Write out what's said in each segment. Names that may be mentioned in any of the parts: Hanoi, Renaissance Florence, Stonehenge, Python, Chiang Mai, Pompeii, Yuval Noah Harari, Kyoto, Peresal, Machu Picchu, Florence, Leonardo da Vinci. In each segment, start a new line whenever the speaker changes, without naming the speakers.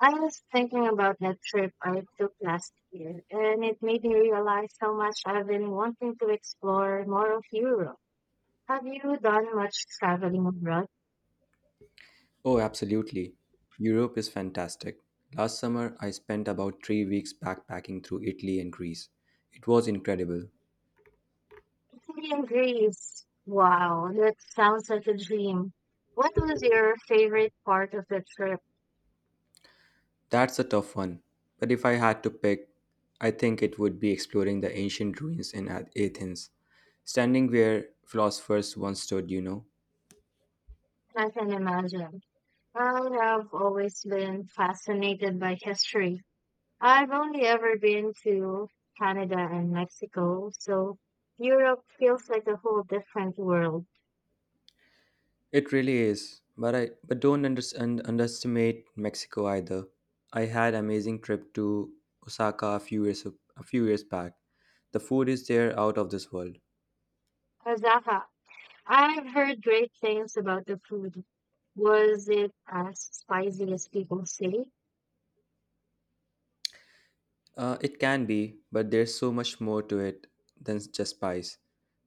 I was thinking about that trip I took last year, and it made me realize how much I've been wanting to explore more of Europe. Have you done much traveling abroad?
Oh, absolutely. Europe is fantastic. Last summer, I spent about 3 weeks backpacking through Italy and Greece. It was incredible.
Italy and Greece. Wow, that sounds like a dream. What was your favorite part of the trip?
That's a tough one, but if I had to pick, I think it would be exploring the ancient ruins in Athens, standing where philosophers once stood.
I can imagine. I have always been fascinated by history. I've only ever been to Canada and Mexico, so Europe feels like a whole different world.
It really is. But don't underestimate Mexico either. I had amazing trip to Osaka a few years back. The food is there out of this world.
Osaka. I've heard great things about the food. Was it as spicy as people say?
It can be, but there's so much more to it than just pies.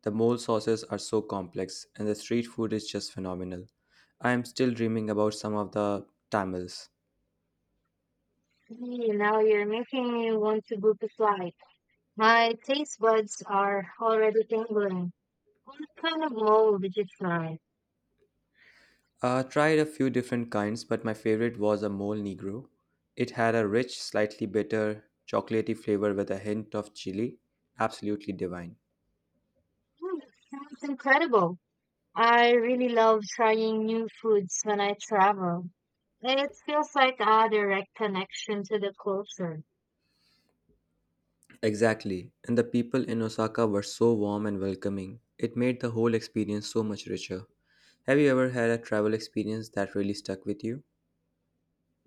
The mole sauces are so complex, and the street food is just phenomenal. I am still dreaming about some of the tamales.
Gee, now you're making me want to book a flight. My taste buds are already tingling. What kind of mole did you try?
I tried a few different kinds, but my favorite was a mole negro. It had a rich, slightly bitter, chocolatey flavor with a hint of chili. Absolutely divine.
Hmm, sounds incredible. I really love trying new foods when I travel. It feels like a direct connection to the culture.
Exactly, and the people in Osaka were so warm and welcoming. It made the whole experience so much richer. Have you ever had a travel experience that really stuck with you?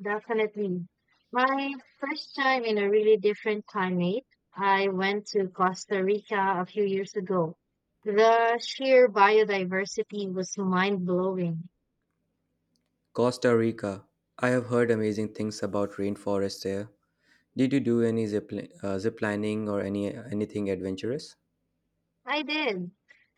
Definitely. My first time in a really different climate, I went to Costa Rica a few years ago. The sheer biodiversity was mind-blowing.
Costa Rica. I have heard amazing things about rainforests there. Did you do any zip lining or anything adventurous?
I did.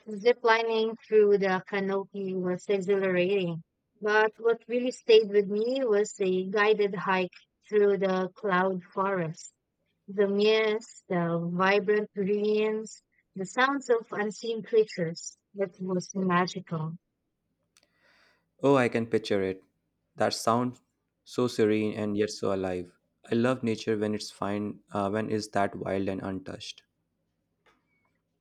Ziplining through the canopy was exhilarating. But what really stayed with me was a guided hike through the cloud forest. The mist, the vibrant greens, the sounds of unseen creatures. It was magical.
Oh, I can picture it. That sounds so serene and yet so alive. I love nature when it's that wild and untouched.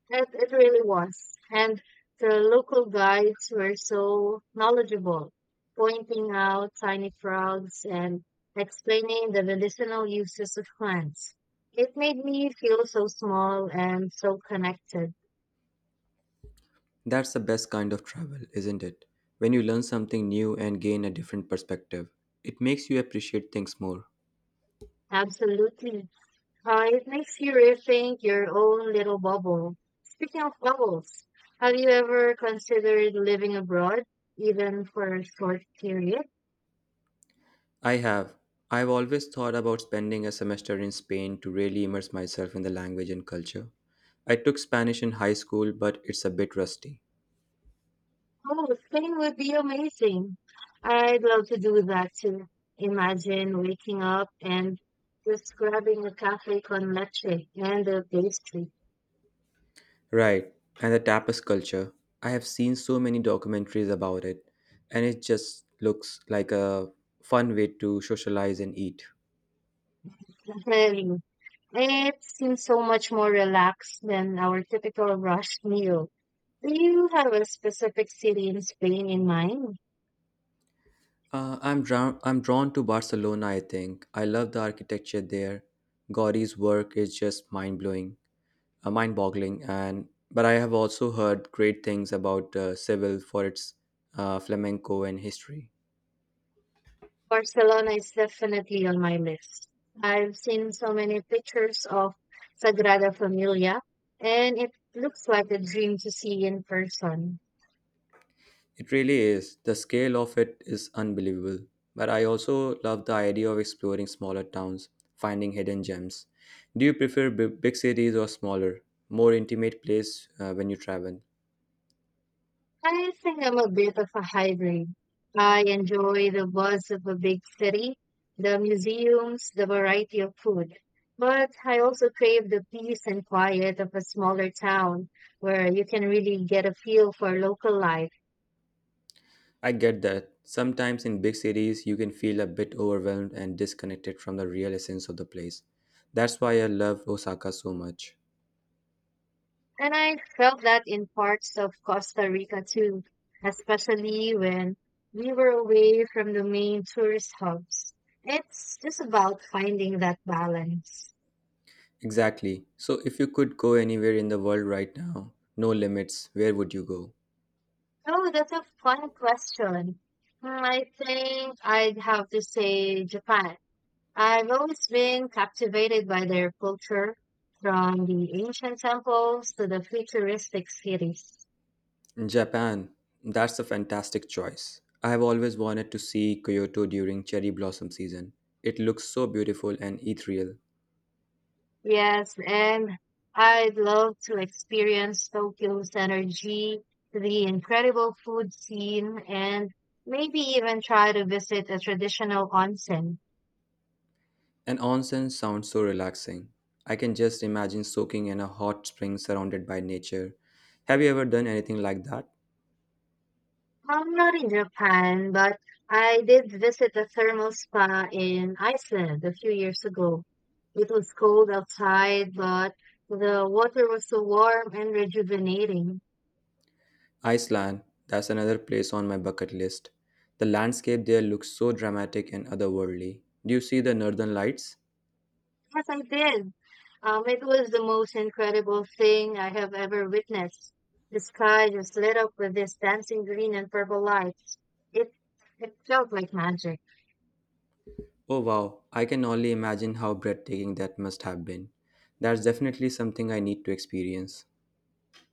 It really was. And the local guides were so knowledgeable, pointing out tiny frogs and explaining the medicinal uses of plants. It made me feel so small and so connected.
That's the best kind of travel, isn't it? When you learn something new and gain a different perspective, it makes you appreciate things more.
Absolutely. It makes you rethink your own little bubble. Speaking of bubbles, have you ever considered living abroad, even for a short period?
I have. I've always thought about spending a semester in Spain to really immerse myself in the language and culture. I took Spanish in high school, but it's a bit rusty.
Oh, Spain would be amazing. I'd love to do that too. Imagine waking up and just grabbing a cafe con leche and a pastry.
Right, and the tapas culture. I have seen so many documentaries about it, and it just looks like a fun way to socialize and eat.
I mean, it seems so much more relaxed than our typical rushed meal. Do you have a specific city in Spain in mind?
I'm drawn to Barcelona. I think I love the architecture there. Gaudí's work is just mind blowing, mind-boggling. And but I have also heard great things about Seville for its flamenco and history.
Barcelona is definitely on my list. I've seen so many pictures of Sagrada Familia, and it looks like a dream to see in person.
It really is. The scale of it is unbelievable, but I also love the idea of exploring smaller towns, finding hidden gems. Do you prefer big cities or smaller, more intimate place when you travel?
I think I'm a bit of a hybrid. I enjoy the buzz of a big city, the museums, the variety of food. But I also crave the peace and quiet of a smaller town where you can really get a feel for local life.
I get that. Sometimes in big cities you can feel a bit overwhelmed and disconnected from the real essence of the place. That's why I love Osaka so much.
And I felt that in parts of Costa Rica too, especially when we were away from the main tourist hubs. It's just about finding that balance.
Exactly. So, if you could go anywhere in the world right now, no limits, where would you go?
Oh, that's a fun question. Hmm, I think I'd have to say Japan. I've always been captivated by their culture, from the ancient temples to the futuristic cities.
Japan. That's a fantastic choice. I have always wanted to see Kyoto during cherry blossom season. It looks so beautiful and ethereal.
Yes, and I'd love to experience Tokyo's energy, the incredible food scene, and maybe even try to visit a traditional onsen.
And onsen sounds so relaxing. I can just imagine soaking in a hot spring surrounded by nature. Have you ever done anything like that?
I'm not in Japan, but I did visit a thermal spa in Iceland a few years ago. It was cold outside, but the water was so warm and rejuvenating.
Iceland. That's another place on my bucket list. The landscape there looks so dramatic and otherworldly. Do you see the northern lights?
Yes, I did. It was the most incredible thing I have ever witnessed. The sky just lit up with this dancing green and purple lights. It it felt like magic.
Oh wow, I can only imagine how breathtaking that must have been. That's definitely something I need to experience.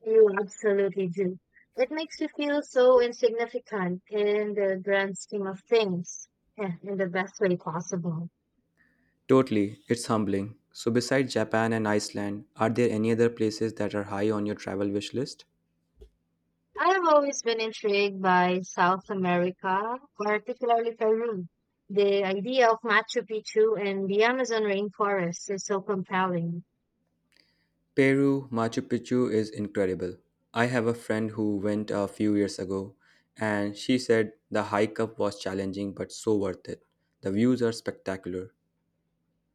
You absolutely do. It makes you feel so insignificant in the grand scheme of things, in the best way possible.
Totally, it's humbling. So, besides Japan and Iceland, are there any other places that are high on your travel wish list?
I have always been intrigued by South America, particularly Peru. The idea of Machu Picchu and the Amazon rainforest is so compelling.
Peru, Machu Picchu is incredible. I have a friend who went a few years ago, and she said the hike up was challenging but so worth it. The views are spectacular.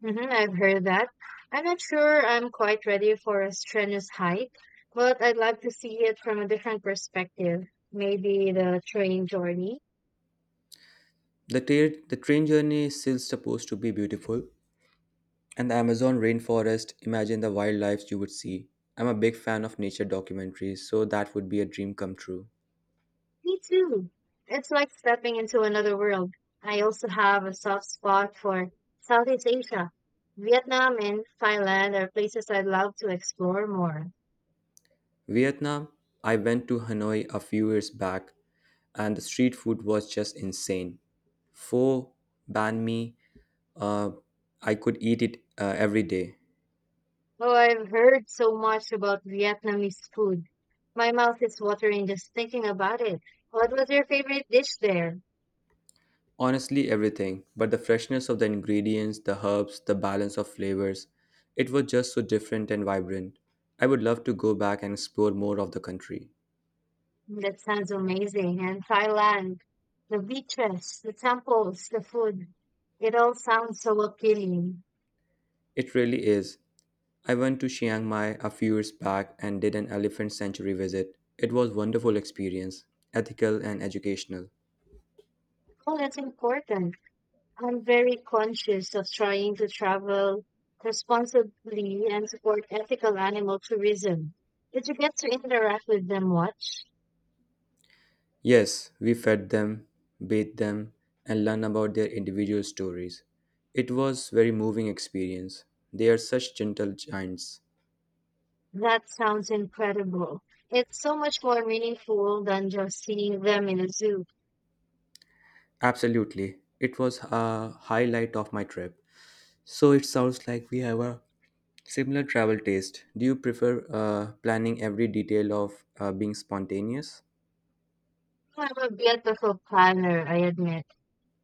I've heard that. I'm not sure I'm quite ready for a strenuous hike, but I'd like to see it from a different perspective. Maybe the train journey.
The train journey is still supposed to be beautiful, and the Amazon rainforest, imagine the wildlife you would see. I'm a big fan of nature documentaries, so that would be a dream come true.
Me too. It's like stepping into another world. I also have a soft spot for Southeast Asia. Vietnam and Thailand are places I'd love to explore more.
Vietnam, I went to Hanoi a few years back, and the street food was just insane. Pho, banh mi, uh, I could eat it every day.
Oh, I've heard so much about Vietnamese food. My mouth is watering just thinking about it. What was your favorite dish there?
Honestly, everything, but the freshness of the ingredients, the herbs, the balance of flavors, it was just so different and vibrant. I would love to go back and explore more of the country.
That sounds amazing. And Thailand, the beaches, the temples, the food. It all sounds so appealing.
It really is. I went to Chiang Mai a few years back and did an elephant sanctuary visit. It was wonderful experience, ethical and educational.
Oh, that's important. I'm very conscious of trying to travel responsibly and support ethical animal tourism. Did you get to interact with them much?
Yes, we fed them, bathed them, and learned about their individual stories. It was very moving experience. They are such gentle giants.
That sounds incredible. It's so much more meaningful than just seeing them in a zoo.
Absolutely. It was a highlight of my trip. So it sounds like we have a similar travel taste. Do you prefer planning every detail of being spontaneous?
I'm a bit of a planner, I admit.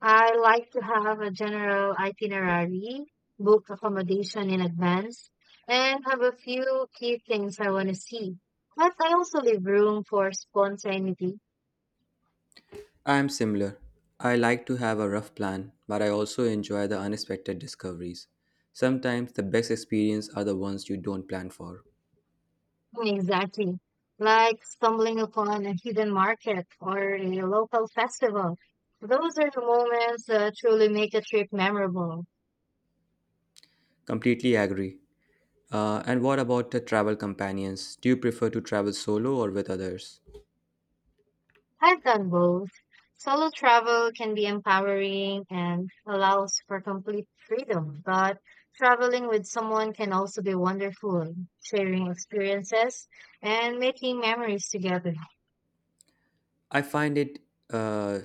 I like to have a general itinerary, book accommodation in advance, and have a few key things I want to see. But I also leave room for spontaneity.
I'm similar. I like to have a rough plan, but I also enjoy the unexpected discoveries. Sometimes the best experience are the ones you don't plan for.
Exactly. Like stumbling upon a hidden market or a local festival. Those are the moments that truly make a trip memorable.
Completely agree. And what about the travel companions? Do you prefer to travel solo or with others?
I've done both. Solo travel can be empowering and allows for complete freedom, but traveling with someone can also be wonderful, sharing experiences and making memories together.
I find it uh,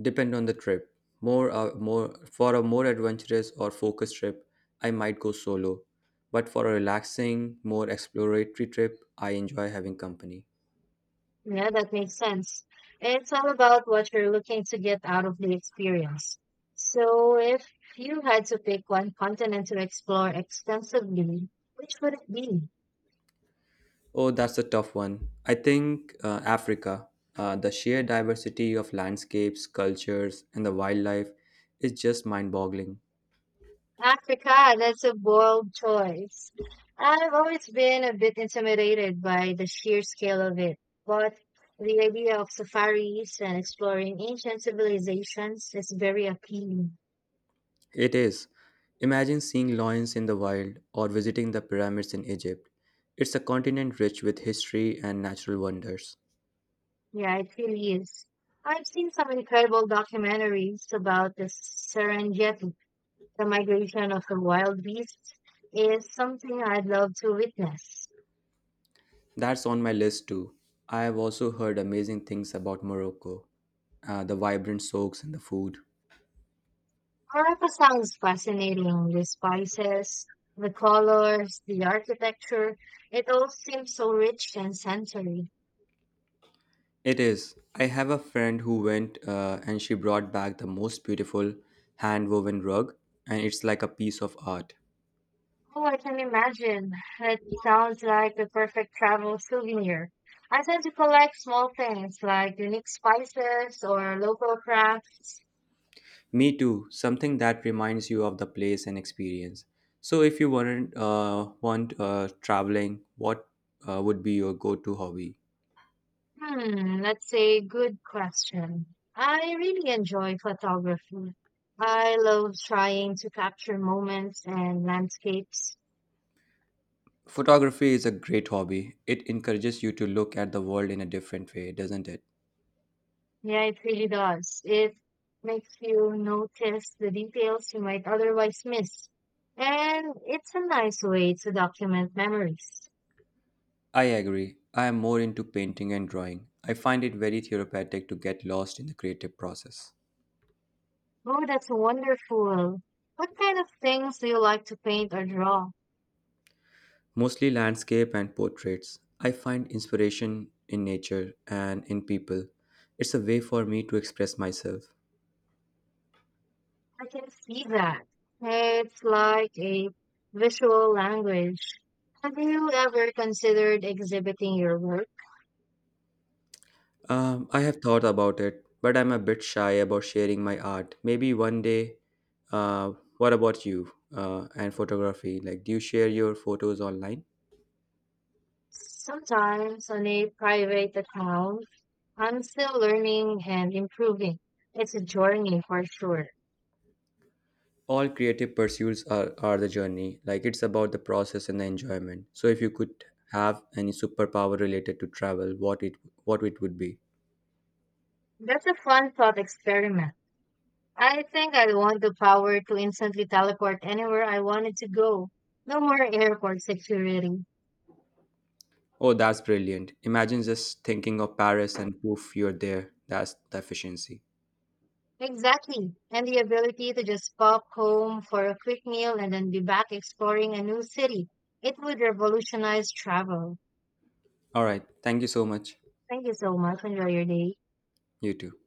depend on the trip. More for a more adventurous or focused trip, I might go solo. But for a relaxing, more exploratory trip, I enjoy having company.
Yeah, that makes sense. It's all about what you're looking to get out of the experience. So, if you had to pick one continent to explore extensively, which would it be?
Oh, that's a tough one. I think Africa, the sheer diversity of landscapes, cultures, and the wildlife is just mind boggling.
Africa, that's a bold choice. I've always been a bit intimidated by the sheer scale of it, but the idea of safaris and exploring ancient civilizations is very appealing.
It is. Imagine seeing lions in the wild or visiting the pyramids in Egypt. It's a continent rich with history and natural wonders.
Yeah, it really is. I've seen some incredible documentaries about the Serengeti. The migration of the wild beasts is something I'd love to witness.
That's on my list too. I have also heard amazing things about Morocco, the vibrant souks and the food.
Harappa sounds fascinating. The spices, the colors, the architecture, it all seems so rich and sensory.
It is. I have a friend who went and she brought back the most beautiful hand woven rug, and it's like a piece of art.
Oh, I can imagine. It sounds like the perfect travel souvenir. I tend to collect small things like unique spices or local crafts.
Me too, something that reminds you of the place and experience. So, if you weren't want traveling, what would be your go to hobby?
Hmm, that's a good question. I really enjoy photography. I love trying to capture moments and landscapes.
Photography is a great hobby. It encourages you to look at the world in a different way, doesn't it?
Yeah, it really does. It makes you notice the details you might otherwise miss. And it's a nice way to document memories.
I agree. I am more into painting and drawing. I find it very therapeutic to get lost in the creative process.
Oh, that's wonderful. What kind of things do you like to paint or draw?
Mostly landscape and portraits. I find inspiration in nature and in people. It's a way for me to express myself.
I can see that. It's like a visual language. Have you ever considered exhibiting your work?
I have thought about it, but I'm a bit shy about sharing my art. Maybe one day. What about you and photography? Like, do you share your photos online?
Sometimes on a private account, I'm still learning and improving. It's a journey for sure.
All creative pursuits are the journey. Like, it's about the process and the enjoyment. So, if you could have any superpower related to travel, what it would be?
That's a fun thought experiment. I think I want the power to instantly teleport anywhere I wanted to go. No more airport security.
Oh, that's brilliant. Imagine just thinking of Paris and poof, you're there. That's the efficiency.
Exactly. And the ability to just pop home for a quick meal and then be back exploring a new city. It would revolutionize travel.
All right. Thank you so much.
Thank you so much. Enjoy your day.
You too.